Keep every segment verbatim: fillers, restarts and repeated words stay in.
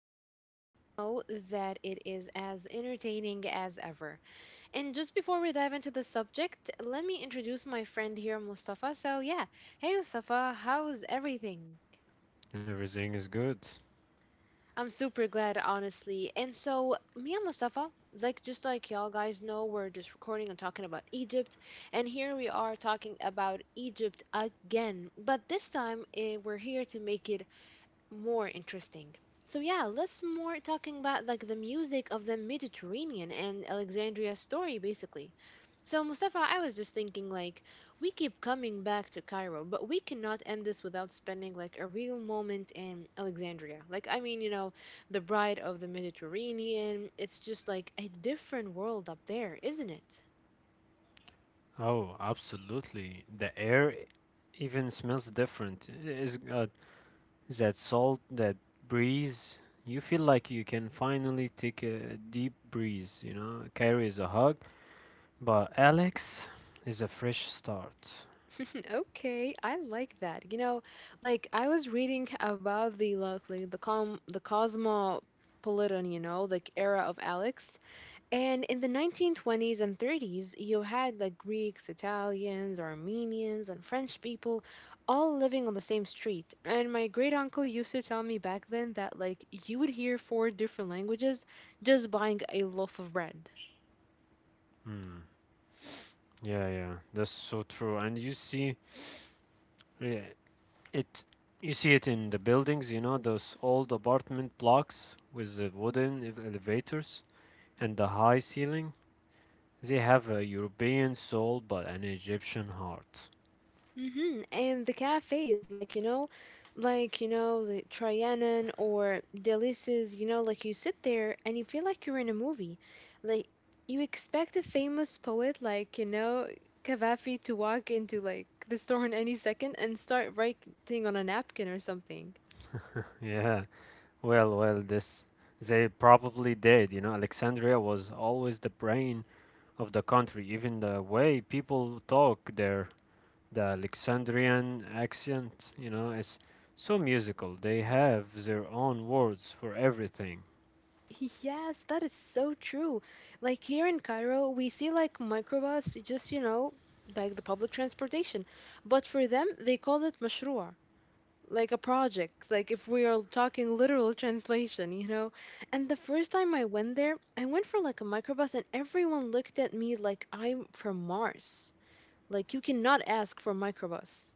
where y'all know that it is as entertaining as ever. And just before we dive into the subject, let me introduce my friend here, Mustafa. So, yeah, hey, Mustafa, how's everything? Everything is good. I'm super glad, honestly. And so, me and Mustafa, like just like y'all guys know, we're just recording and talking about Egypt. And here we are talking about Egypt again. But this time, eh, we're here to make it more interesting. So yeah, let's more talking about like the music of the Mediterranean and Alexandria's story basically. So Mustafa, I was just thinking like we keep coming back to Cairo, but we cannot end this without spending like a real moment in Alexandria. Like I mean, you know, the bride of the Mediterranean, it's just like a different world up there, isn't it? Oh, absolutely. The air even smells different. It's got that salt, that breeze. You feel like you can finally take a deep breeze, you know. Carrie is a hug, but Alex is a fresh start. Okay, I like that. You know, like I was reading about the like like, the com the cosmopolitan, you know, like era of Alex. And in the nineteen twenties and thirties, you had like Greeks, Italians, Armenians, and French people all living on the same street. And my great uncle used to tell me back then that like you would hear four different languages just buying a loaf of bread. Hmm. Yeah, yeah, that's so true. And you see yeah, it you see it in the buildings, you know, those old apartment blocks with the wooden ev- elevators and the high ceiling. They have a European soul but an Egyptian heart. Mm-hmm. And the cafes, like, you know, like, you know, the Trianon or Delices, you know, like you sit there and you feel like you're in a movie. Like, you expect a famous poet like, you know, Cavafy to walk into like the store in any second and start writing on a napkin or something. Yeah, well, well, this they probably did. You know, Alexandria was always the brain of the country. Even the way people talk there, the Alexandrian accent, you know, is so musical. They have their own words for everything. Yes, that is so true. Like here in Cairo, we see like microbus, just, you know, like the public transportation. But for them, they call it mashrua, like a project, like if we are talking literal translation, you know. And the first time I went there, I went for like a microbus and everyone looked at me like I'm from Mars. Like you cannot ask for microbus.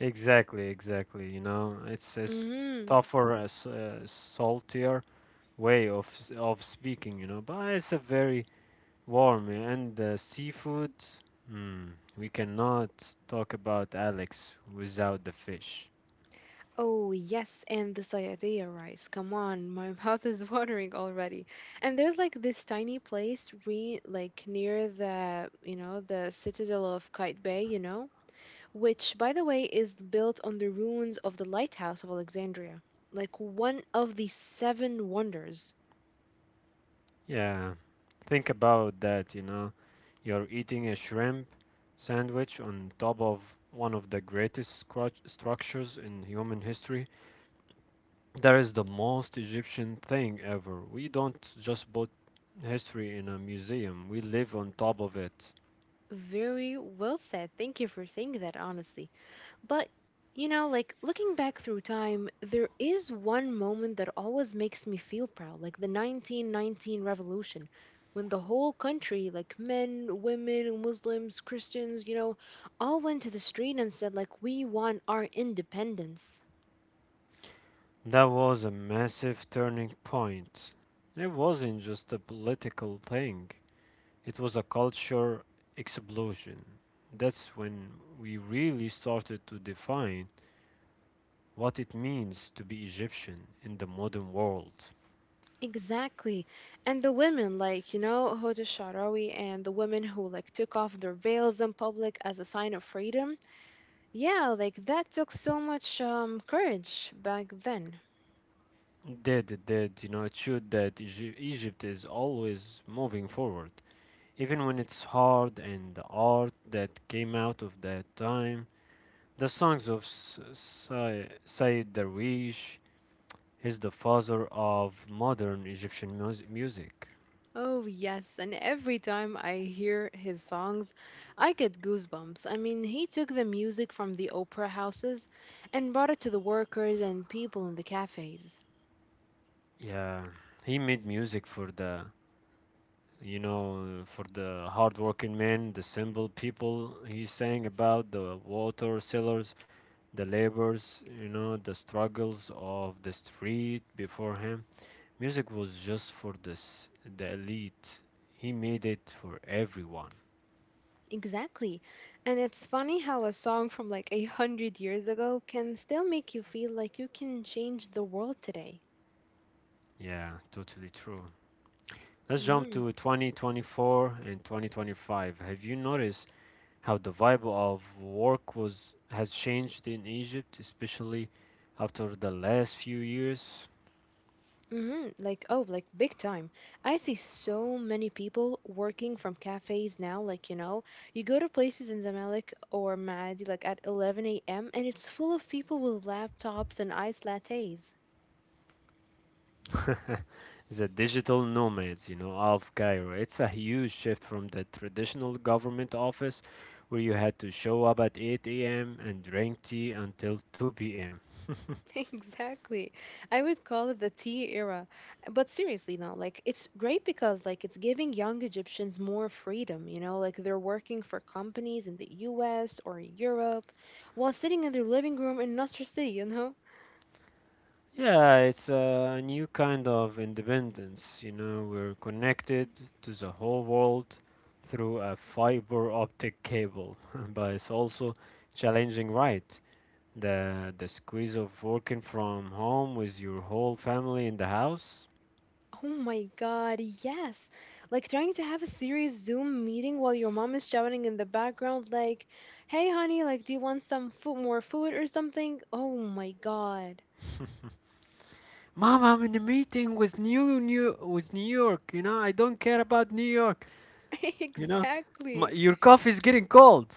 Exactly, exactly. You know, it's it's Hmm. tougher, uh, uh, saltier way of s- of speaking. You know, but it's a very warm and uh, seafood. Hmm, we cannot talk about Alex without the fish. Oh yes, and the sayadea rice, come on, my mouth is watering already. And there's like this tiny place re like near the, you know, the Citadel of Kite Bay, you know, which, by the way, is built on the ruins of the Lighthouse of Alexandria, like one of the seven wonders. Yeah, think about that, you know. You're eating a shrimp sandwich on top of one of the greatest scrut- structures in human history. That is the most Egyptian thing ever. We don't just put history in a museum, we live on top of it. Very well said. Thank you for saying that, honestly. But, you know, like looking back through time, there is one moment that always makes me feel proud, like the nineteen nineteen revolution, when the whole country, like men, women, Muslims, Christians, you know, all went to the street and said, like, we want our independence. That was a massive turning point. It wasn't just a political thing, it was a culture explosion. That's when we really started to define what it means to be Egyptian in the modern world. Exactly. And the women, like, you know, Huda Sharawi and the women who, like, took off their veils in public as a sign of freedom. Yeah, like, that took so much um, courage back then. It did, it did, you know, it showed that Egy- Egypt is always moving forward, even when it's hard. And the art that came out of that time, the songs of S- Sa- Said Darwish. He's the father of modern Egyptian mus- music. Oh, yes. And every time I hear his songs, I get goosebumps. I mean, he took the music from the opera houses and brought it to the workers and people in the cafes. Yeah, he made music for the, you know, for the hardworking men, the simple people. He sang about the water sellers, the laborers, you know, the struggles of the street. Before him, music was just for this, the elite. He made it for everyone. Exactly. And it's funny how a song from like a hundred years ago can still make you feel like you can change the world today. Yeah, totally true. Let's jump Mm-hmm. to twenty twenty-four and twenty twenty-five. Have you noticed how the vibe of work was has changed in Egypt, especially after the last few years? Mm-hmm. Like, oh, like big time. I see so many people working from cafes now. Like, you know, you go to places in Zamalek or Mahdi like at eleven a m and it's full of people with laptops and iced lattes. The digital nomads, you know, of Cairo. It's a huge shift from the traditional government office where you had to show up at eight a m and drink tea until two p m. Exactly. I would call it the tea era. But seriously, no, like it's great because like it's giving young Egyptians more freedom, you know, like they're working for companies in the U S or Europe while sitting in their living room in Nasser City, you know? Yeah, it's a new kind of independence, you know, we're connected to the whole world through a fiber optic cable, but it's also challenging, right? The the squeeze of working from home with your whole family in the house. Oh my God, yes. Like trying to have a serious Zoom meeting while your mom is shouting in the background like, "Hey honey, like do you want some food, more food or something?" Oh my God. Mom, I'm in a meeting with New New with New York. You know, I don't care about New York. You know, my, Exactly. your coffee's getting cold.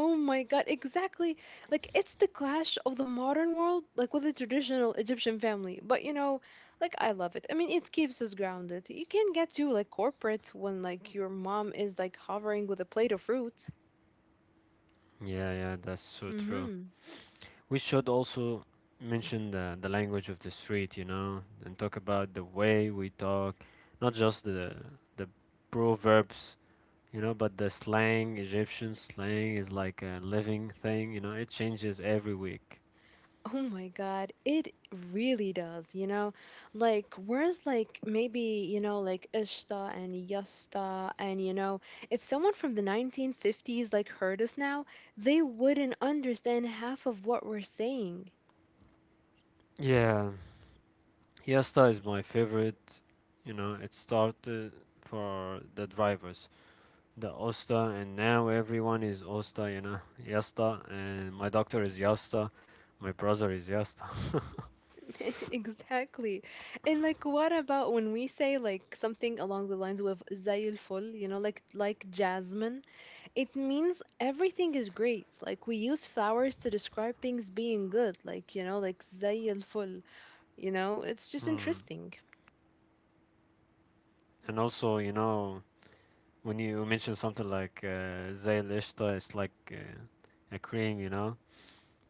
Oh my God, exactly. Like it's the clash of the modern world, like with the traditional Egyptian family. But you know, like I love it. I mean, it keeps us grounded. You can get too like corporate when like your mom is like hovering with a plate of fruit. Yeah, yeah, that's so true. Mm-hmm. We should also mention the the language of the street, you know, and talk about the way we talk, not just the the proverbs, you know, but the slang. Egyptian slang is like a living thing, you know, it changes every week. Oh my God, it really does, you know? Like, whereas, like, maybe, you know, like Ishta and Yasta, and, you know, if someone from the nineteen fifties, like, heard us now, they wouldn't understand half of what we're saying. Yeah, Yasta is my favorite. You know, it started for the drivers, the Osta, and now everyone is Osta, you know, Yasta, and my doctor is Yasta, my brother is Yasta. Exactly. And like what about when we say like something along the lines with زي الفل, you know, like like jasmine, it means everything is great. Like we use flowers to describe things being good, like you know, like زي الفل, you know, it's just Hmm. interesting. And also, you know, when you mention something like uh, Zay Lishta, it's like uh, a cream, you know?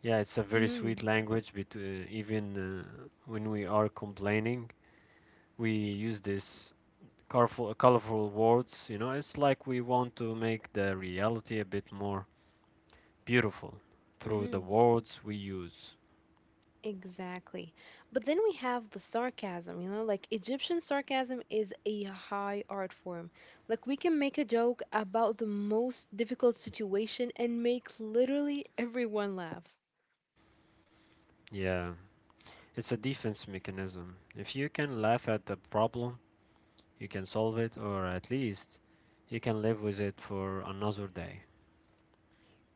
Yeah, it's a very Mm-hmm. sweet language, but uh, even uh, when we are complaining, we use this colorful colorful words, you know. It's like we want to make the reality a bit more beautiful through the Mm-hmm. words we use. Exactly. But then we have the sarcasm, you know, like Egyptian sarcasm is a high art form. Like we can make a joke about the most difficult situation and make literally everyone laugh. Yeah, it's a defense mechanism. If you can laugh at the problem, you can solve it, or at least you can live with it for another day.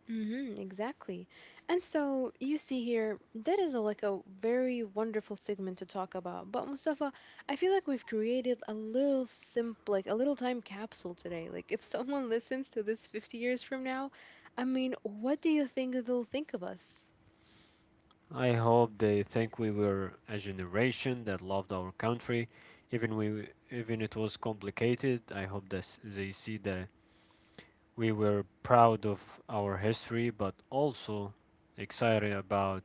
Mm-hmm, exactly. And so you see here, that is a, like a very wonderful segment to talk about. But Mustafa, I feel like we've created a little simp, like a little time capsule today. Like if someone listens to this fifty years from now, I mean, what do you think they'll think of us? I hope they think we were a generation that loved our country, even we even it was complicated. I hope that they see the we were proud of our history, but also excited about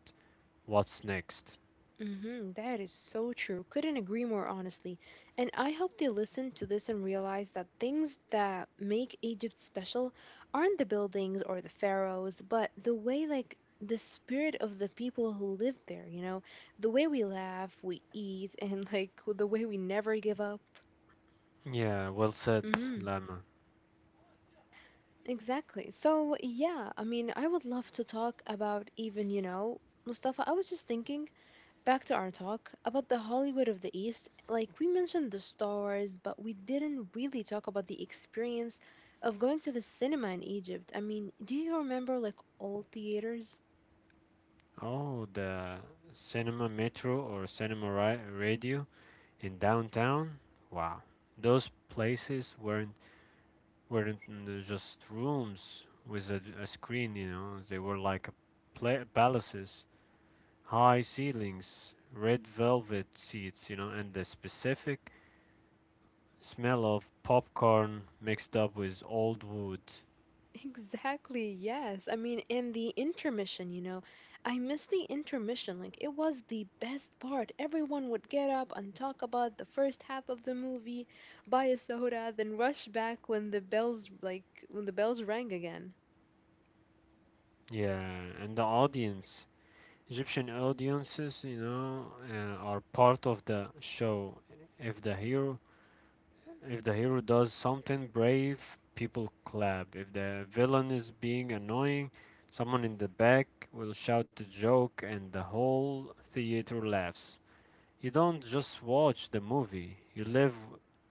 what's next. Mhm, that is so true. Couldn't agree more, honestly. And I hope they listen to this and realize that things that make Egypt special aren't the buildings or the pharaohs, but the way, like, the spirit of the people who live there, you know? The way we laugh, we eat, and, like, the way we never give up. Yeah, well said, Hmm. Lama. Exactly. So, yeah, I mean, I would love to talk about even, you know, Mustafa, I was just thinking back to our talk about the Hollywood of the East. Like, we mentioned the stars, but we didn't really talk about the experience of going to the cinema in Egypt. I mean, do you remember, like, old theaters? Oh, the Cinema Metro or Cinema Ra- Radio in downtown. Wow, those places weren't weren't n- just rooms with a, a screen. You know, they were like a pla palaces, high ceilings, red velvet seats. You know, and the specific smell of popcorn mixed up with old wood. Exactly, yes. I mean, and the intermission, you know, I miss the intermission. Like, it was the best part. Everyone would get up and talk about the first half of the movie, buy a soda, then rush back when the bells, like, when the bells rang again. Yeah, and the audience, Egyptian audiences, you know, uh, are part of the show. If the hero, if the hero does something brave, people clap. If the villain is being annoying, someone in the back will shout a joke, and the whole theater laughs. You don't just watch the movie; you live,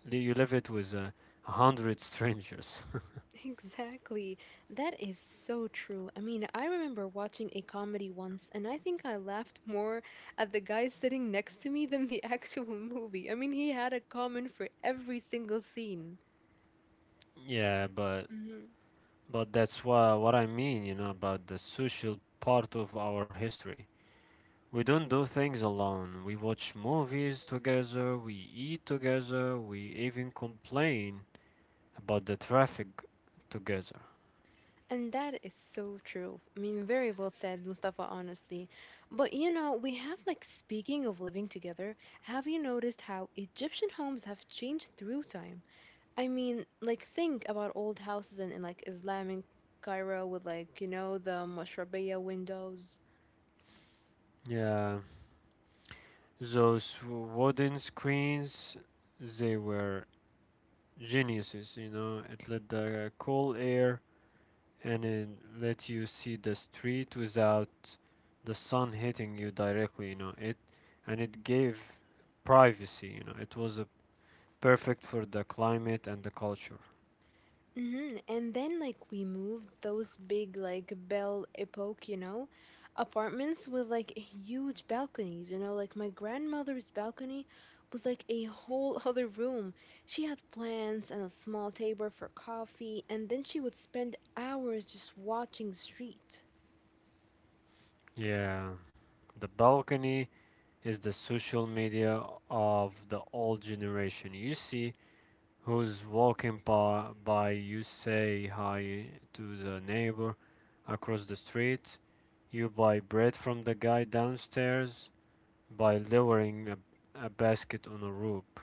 you live it with uh, a hundred strangers. Exactly. That is so true. I mean, I remember watching a comedy once, and I think I laughed more at the guy sitting next to me than the actual movie. I mean, he had a comment for every single scene. Yeah, but Hmm. but that's what what I mean, you know, about the social part of our history. We don't do things alone. We watch movies together, we eat together, we even complain about the traffic together. And that is so true. I mean, very well said, Mustafa, honestly. But you know, we have like speaking of living together, have you noticed how Egyptian homes have changed through time? I mean, like think about old houses in, in like Islamic Cairo with like, you know, the mashrabiyah windows. Yeah, those wooden screens, they were geniuses, you know. It let the cool air, and it lets you see the street without the sun hitting you directly, you know. It and it gave privacy, you know. It was a perfect for the climate and the culture. Hmm. And then like we moved those big like Belle Epoque, you know, apartments with like huge balconies, you know, like my grandmother's balcony was like a whole other room. She had plants and a small table for coffee, and then she would spend hours just watching the street. Yeah, the balcony is the social media of the old generation. You see who's walking by, by you say hi to the neighbor across the street. You buy bread from the guy downstairs by lowering a, a basket on a rope.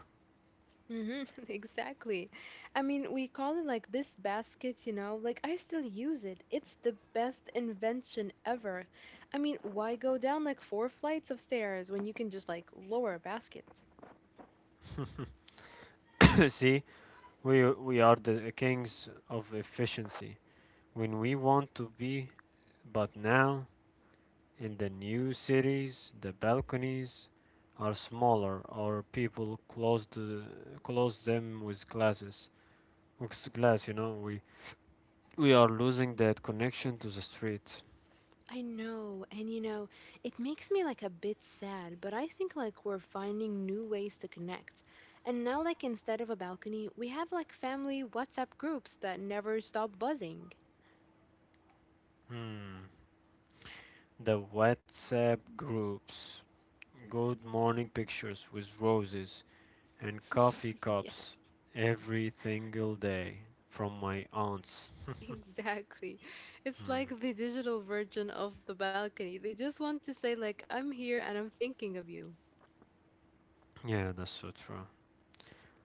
Mm-hmm, exactly. I mean, we call it like this basket, you know, like I still use it. It's the best invention ever. I mean, why go down like four flights of stairs when you can just like lower a basket? See, we we are the kings of efficiency when we want to be, but now in the new cities, the balconies are smaller, or people close the close them with glasses. With glass, you know, we we are losing that connection to the street. I know, and you know, it makes me like a bit sad, but I think like we're finding new ways to connect. And now, like, instead of a balcony, we have like family WhatsApp groups that never stop buzzing. Hmm. The WhatsApp groups, good morning pictures with roses, and coffee cups every single day from my aunts. Exactly. It's like the digital version of the balcony. They just want to say like I'm here and I'm thinking of you. Yeah, that's so true.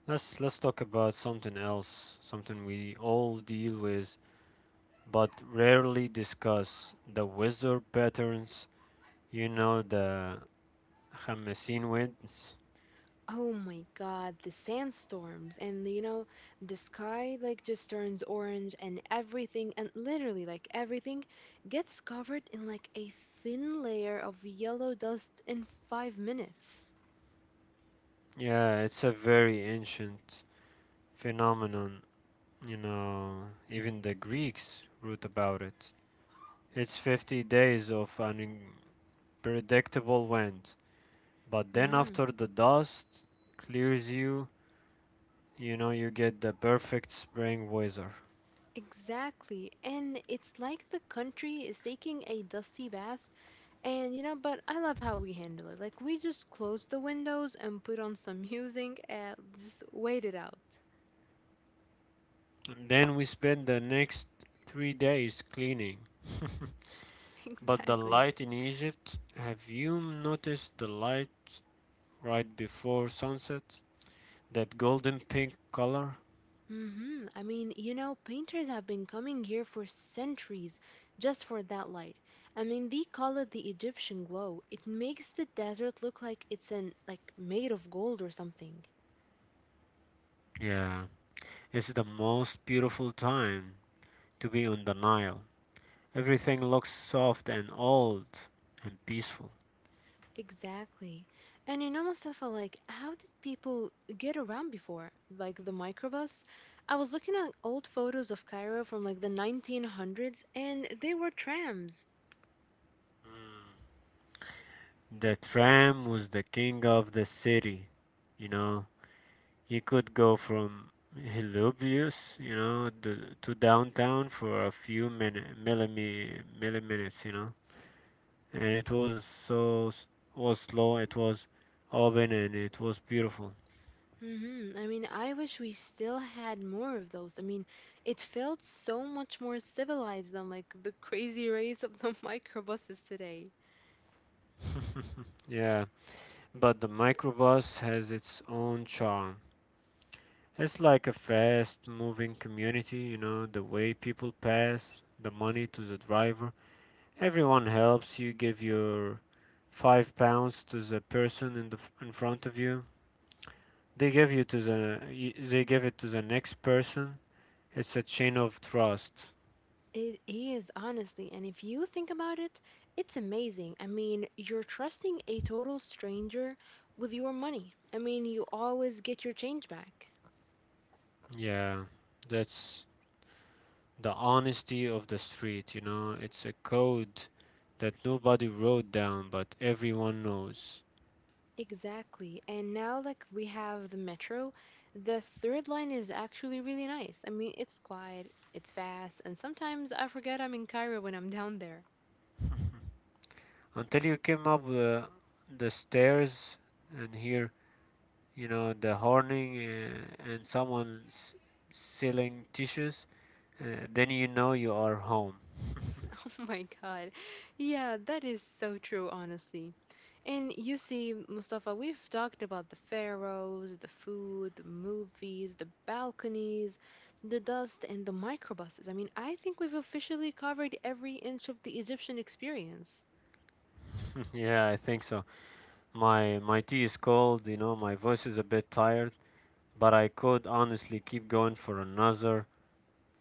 Let's let's talk about something else, something we all deal with but rarely discuss: the weather patterns, you know, the Khamessin winds. Oh my god, the sandstorms, and you know, the sky like just turns orange and everything, and literally like everything gets covered in like a thin layer of yellow dust in five minutes. Yeah, it's a very ancient phenomenon, you know, even the Greeks wrote about it. It's fifty days of an predictable wind. But then Mm. after the dust clears you, you know, you get the perfect spring weather. Exactly. And it's like the country is taking a dusty bath. And you know, but I love how we handle it. Like we just close the windows and put on some music and just wait it out. And then we spend the next three days cleaning. But the Exactly. light in Egypt, have you noticed the light right before sunset? That golden pink color? Mm-hmm. I mean, you know, painters have been coming here for centuries just for that light. I mean, they call it the Egyptian glow. It makes the desert look like it's an like made of gold or something. Yeah, it's the most beautiful time to be on the Nile. Everything looks soft and old and peaceful. Exactly. And you know, Mustafa, like, how did people get around before? Like, the microbus? I was looking at old photos of Cairo from like the nineteen hundreds, and they were trams. The tram was the king of the city, you know. You could go from Helobius, you know, to, to downtown for a few minute, millimi, milliminutes, you know. And it was so was slow. It was open and it was beautiful. Hmm. I mean, I wish we still had more of those. I mean, it felt so much more civilized than like the crazy race of the microbuses today. Yeah, but the microbus has its own charm. It's like a fast moving community, you know, the way people pass the money to the driver. Everyone helps you give your five pounds to the person in the f- in front of you. They give you to the y- they give it to the next person. It's a chain of trust. It is, honestly, and if you think about it, it's amazing. I mean, you're trusting a total stranger with your money. I mean, you always get your change back. Yeah, that's the honesty of the street, you know. It's a code that nobody wrote down, but everyone knows. Exactly. And now, like, we have the metro. The third line is actually really nice. I mean, it's quiet, it's fast, and sometimes I forget I'm in Cairo when I'm down there. Until you came up the, the stairs and hear, you know, the horning uh, and someone s- selling tissues, uh, then you know you are home. My God. Yeah, that is so true, honestly. And you see, Mustafa, we've talked about the pharaohs, the food, the movies, the balconies, the dust, and the microbuses. I mean, I think we've officially covered every inch of the Egyptian experience. Yeah, I think so. my my tea is cold, you know, my voice is a bit tired, but I could honestly keep going for another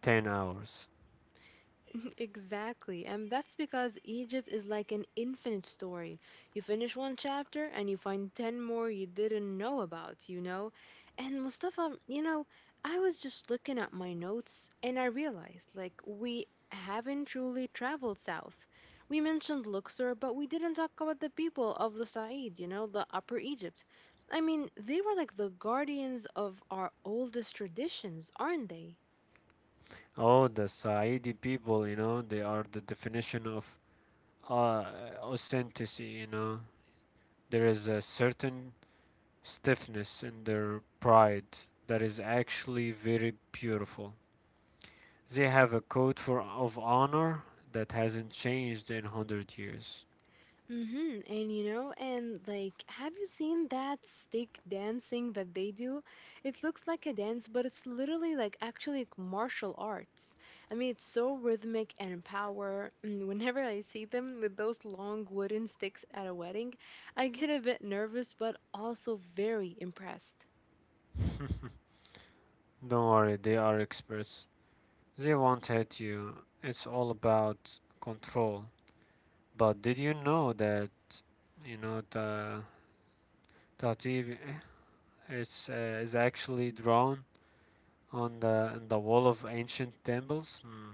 ten hours. Exactly. And that's because Egypt is like an infinite story. You finish one chapter and you find ten more you didn't know about, you know? And Mustafa, you know, I was just looking at my notes and I realized like we haven't truly traveled south. We mentioned Luxor, but we didn't talk about the people of the Said, you know, the Upper Egypt. I mean, they were like the guardians of our oldest traditions, aren't they? Oh, the Saidi people, you know, they are the definition of uh, authenticity, you know. There is a certain stiffness in their pride that is actually very beautiful. They have a code for of honor that hasn't changed in one hundred years. Mm-hmm. And you know, and like, have you seen that stick dancing that they do? It looks like a dance, but it's literally like actually like martial arts. I mean, it's so rhythmic and power. And whenever I see them with those long wooden sticks at a wedding, I get a bit nervous, but also very impressed. Don't worry, they are experts. They won't hit you. It's all about control. But did you know that, you know, the Tativ is uh, is actually drawn on the in the wall of ancient temples. Hmm.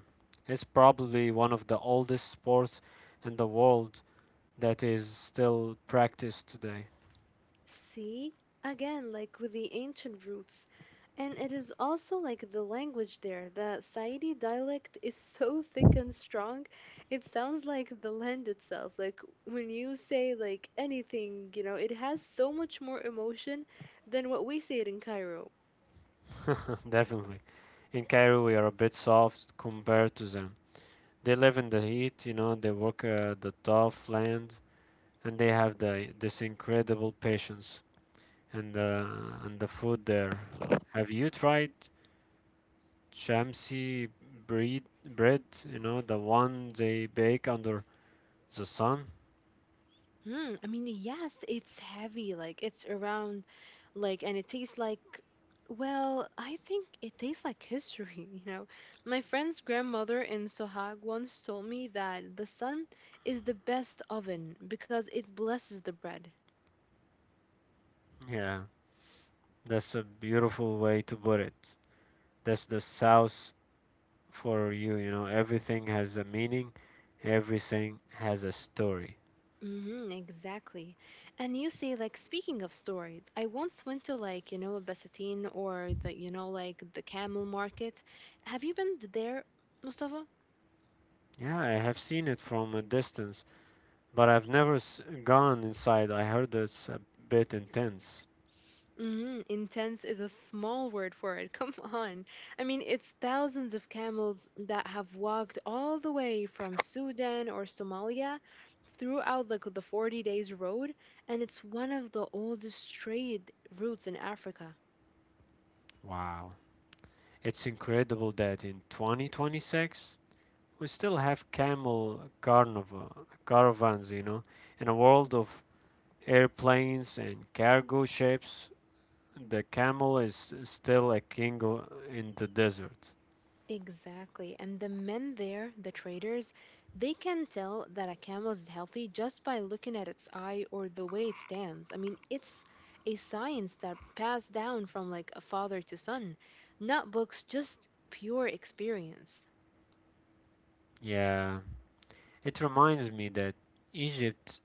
It's probably one of the oldest sports in the world that is still practiced today. See? Again, like with the ancient roots. And it is also like the language there. The Saidi dialect is so thick and strong, it sounds like the land itself. Like when you say like anything, you know, it has so much more emotion than what we say it in Cairo. Definitely. In Cairo, we are a bit soft compared to them. They live in the heat, you know, they work uh, the tough land, and they have the this incredible patience. And the and the food there. Have you tried Shamsi breed bread, you know, the one they bake under the sun? Hmm, I mean, yes, it's heavy, like it's around like and it tastes like well, I think it tastes like history. You know, my friend's grandmother in Sohag once told me that the sun is the best oven because it blesses the bread. Yeah, that's a beautiful way to put it. That's the South for you, you know. Everything has a meaning, everything has a story. Mm-hmm, exactly. And you say, like, speaking of stories, I once went to, like, you know, a Basatine or the, you know, like the camel market. Have you been there, Mustafa? Yeah, I have seen it from a distance, but I've never s- gone inside. I heard it's a bit intense. Mm, intense is a small word for it. Come on. I mean, it's thousands of camels that have walked all the way from Sudan or Somalia throughout the the forty days road, and it's one of the oldest trade routes in Africa. Wow. It's incredible that in twenty twenty-six we still have camel carnival caravans, you know, in a world of airplanes and cargo ships. The camel is still a king in the desert. Exactly. And the men there, the traders, they can tell that a camel is healthy just by looking at its eye or the way it stands. I mean, it's a science that passed down from like a father to son, not books, just pure experience. Yeah, it reminds me that Egypt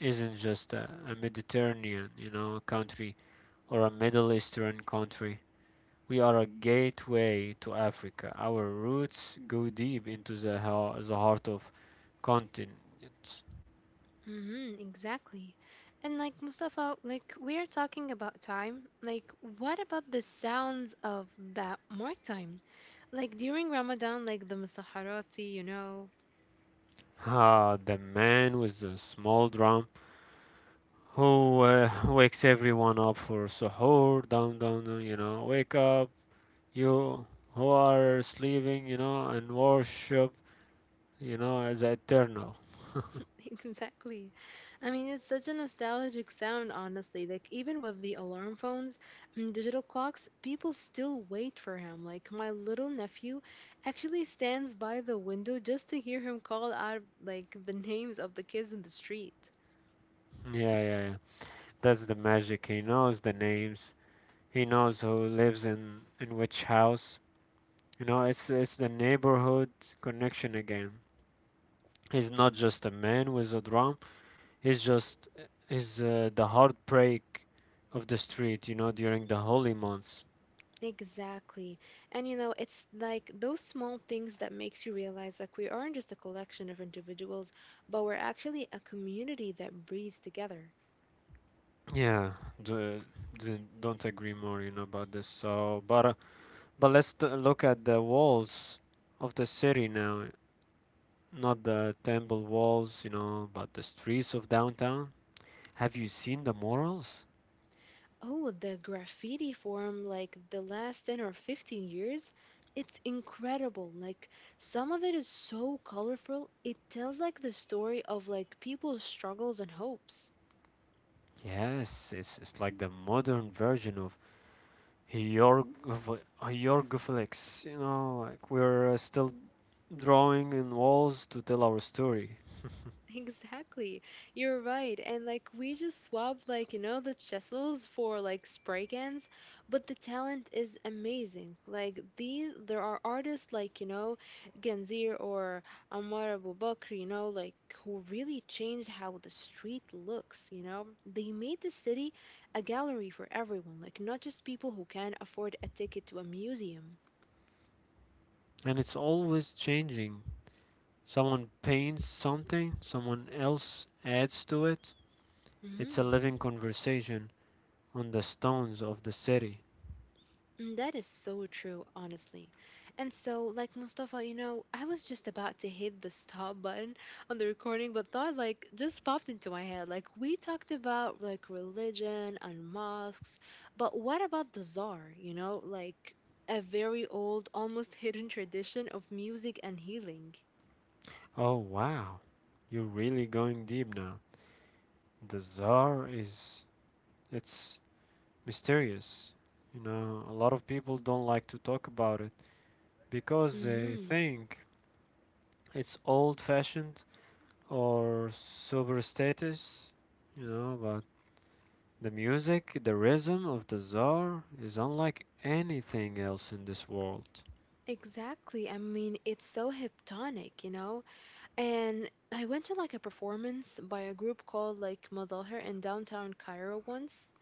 isn't just a, a Mediterranean, you know, country or a Middle Eastern country. We are a gateway to Africa. Our roots go deep into the, hea- the heart of continents. Mm-hmm, exactly. And like Mustafa, like we are talking about time. Like, what about the sounds of that mark time? Like during Ramadan, like the Musaharati, you know, Ah, the man with the small drum who uh, wakes everyone up for suhoor. Down, down, down, you know, wake up, you who are sleeping, you know, and worship, you know, as eternal. exactly. I mean, it's such a nostalgic sound, honestly. Like, even with the alarm phones and digital clocks, people still wait for him. Like, my little nephew actually stands by the window just to hear him call out, like, the names of the kids in the street. yeah, yeah, yeah. That's the magic. He knows the names. He knows who lives in in which house. You know, it's it's the neighborhood connection again. He's not just a man with a drum. He's just he's uh, the heartbreak of the street, you know, during the holy months. Exactly. And you know, it's like those small things that makes you realize like we aren't just a collection of individuals, but we're actually a community that breathes together. Yeah, the, the, don't agree more. You know about this. So, but but let's t- look at the walls of the city now, not the temple walls, you know, but the streets of downtown. Have you seen the murals? Oh, the graffiti form, like the last ten or fifteen years, it's incredible. Like, some of it is so colorful, it tells like the story of like people's struggles and hopes. Yes, it's, it's like the modern version of hieroglyphics, you know, like we're uh, still drawing in walls to tell our story. Exactly. You're right. And like we just swap like you know the chisels for like spray cans, but the talent is amazing. Like these there are artists like you know Genzir or Ammar Abu Bakr, you know, like who really changed how the street looks, you know? They made the city a gallery for everyone, like not just people who can afford a ticket to a museum. And it's always changing. Someone paints something, someone else adds to it. It's a Mm-hmm. living conversation on the stones of the city. Mm, that is so true, honestly. And so, like Mustafa, you know, I was just about to hit the stop button on the recording, but thought like just popped into my head. Like we talked about like religion and mosques, but what about the czar? You know, like a very old, almost hidden tradition of music and healing. Oh wow, you're really going deep now. The czar is it's mysterious. You know, a lot of people don't like to talk about it because they Mm-hmm. think it's old-fashioned or super status, you know, but the music, the rhythm of the czar is unlike anything else in this world. Exactly. I mean, it's so hypnotic, you know? And I went to like a performance by a group called like Mazahir in downtown Cairo once.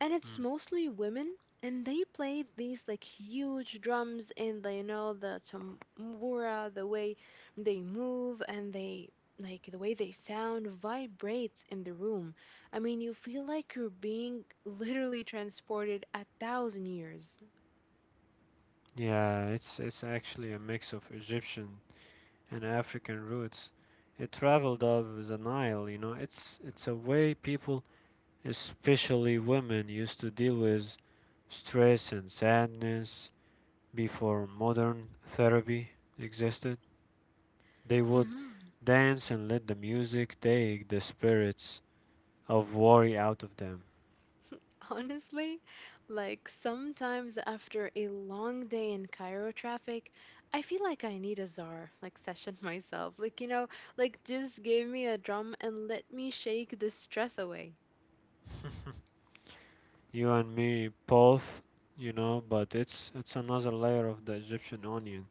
And it's Mm. mostly women and they played these like huge drums and they know the tambura, the way they move and they like the way they sound vibrates in the room. I mean, you feel like you're being literally transported a thousand years. Yeah, it's it's actually a mix of Egyptian and African roots. It traveled up the Nile, you know. It's it's a way people, especially women, used to deal with stress and sadness before modern therapy existed. They would dance and let the music take the spirits of worry out of them. Honestly, like sometimes after a long day in Cairo traffic, I feel like I need a czar, like session myself. Like, you know, like just give me a drum and let me shake the stress away. You and me both, you know, but it's it's another layer of the Egyptian onion.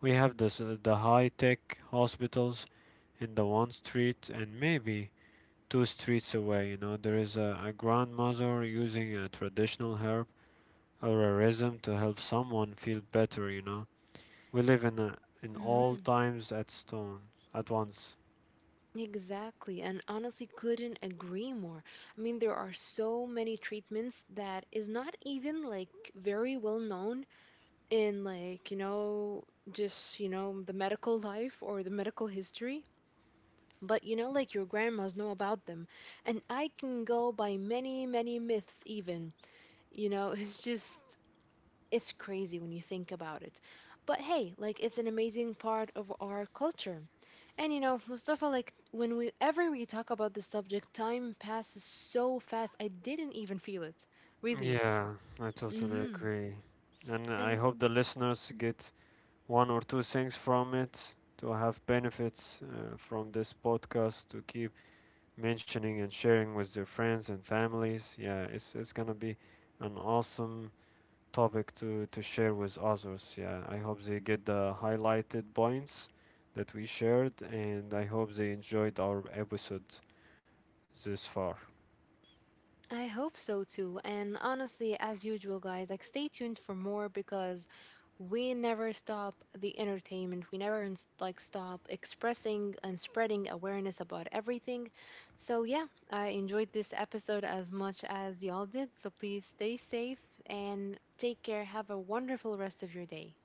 We have this, uh, the high tech hospitals in the one street, and maybe two streets away, you know, there is a, a grandmother using a traditional herb or a rhythm to help someone feel better, you know. We live in a, in all Hmm. times at stone at once. Exactly. And honestly, couldn't agree more. I mean, there are so many treatments that is not even like very well known in like, you know, just, you know, the medical life or the medical history. But you know, like your grandmas know about them. And I can go by many, many myths, even. You know, it's just, it's crazy when you think about it. But hey, like it's an amazing part of our culture. And you know, Mustafa, like when we ever we talk about this subject, time passes so fast. I didn't even feel it, really. Yeah, I totally Mm-hmm. agree. And I And hope the listeners get one or two things from it to have benefits uh, from this podcast, to keep mentioning and sharing with their friends and families. Yeah, it's it's gonna be an awesome topic to to share with others. Yeah, I hope they get the highlighted points that we shared, and I hope they enjoyed our episode this far. I hope so too. And honestly, as usual, guys, like stay tuned for more because we never stop the entertainment. We never ins- like stop expressing and spreading awareness about everything. So yeah, I enjoyed this episode as much as y'all did. So please stay safe and take care. Have a wonderful rest of your day.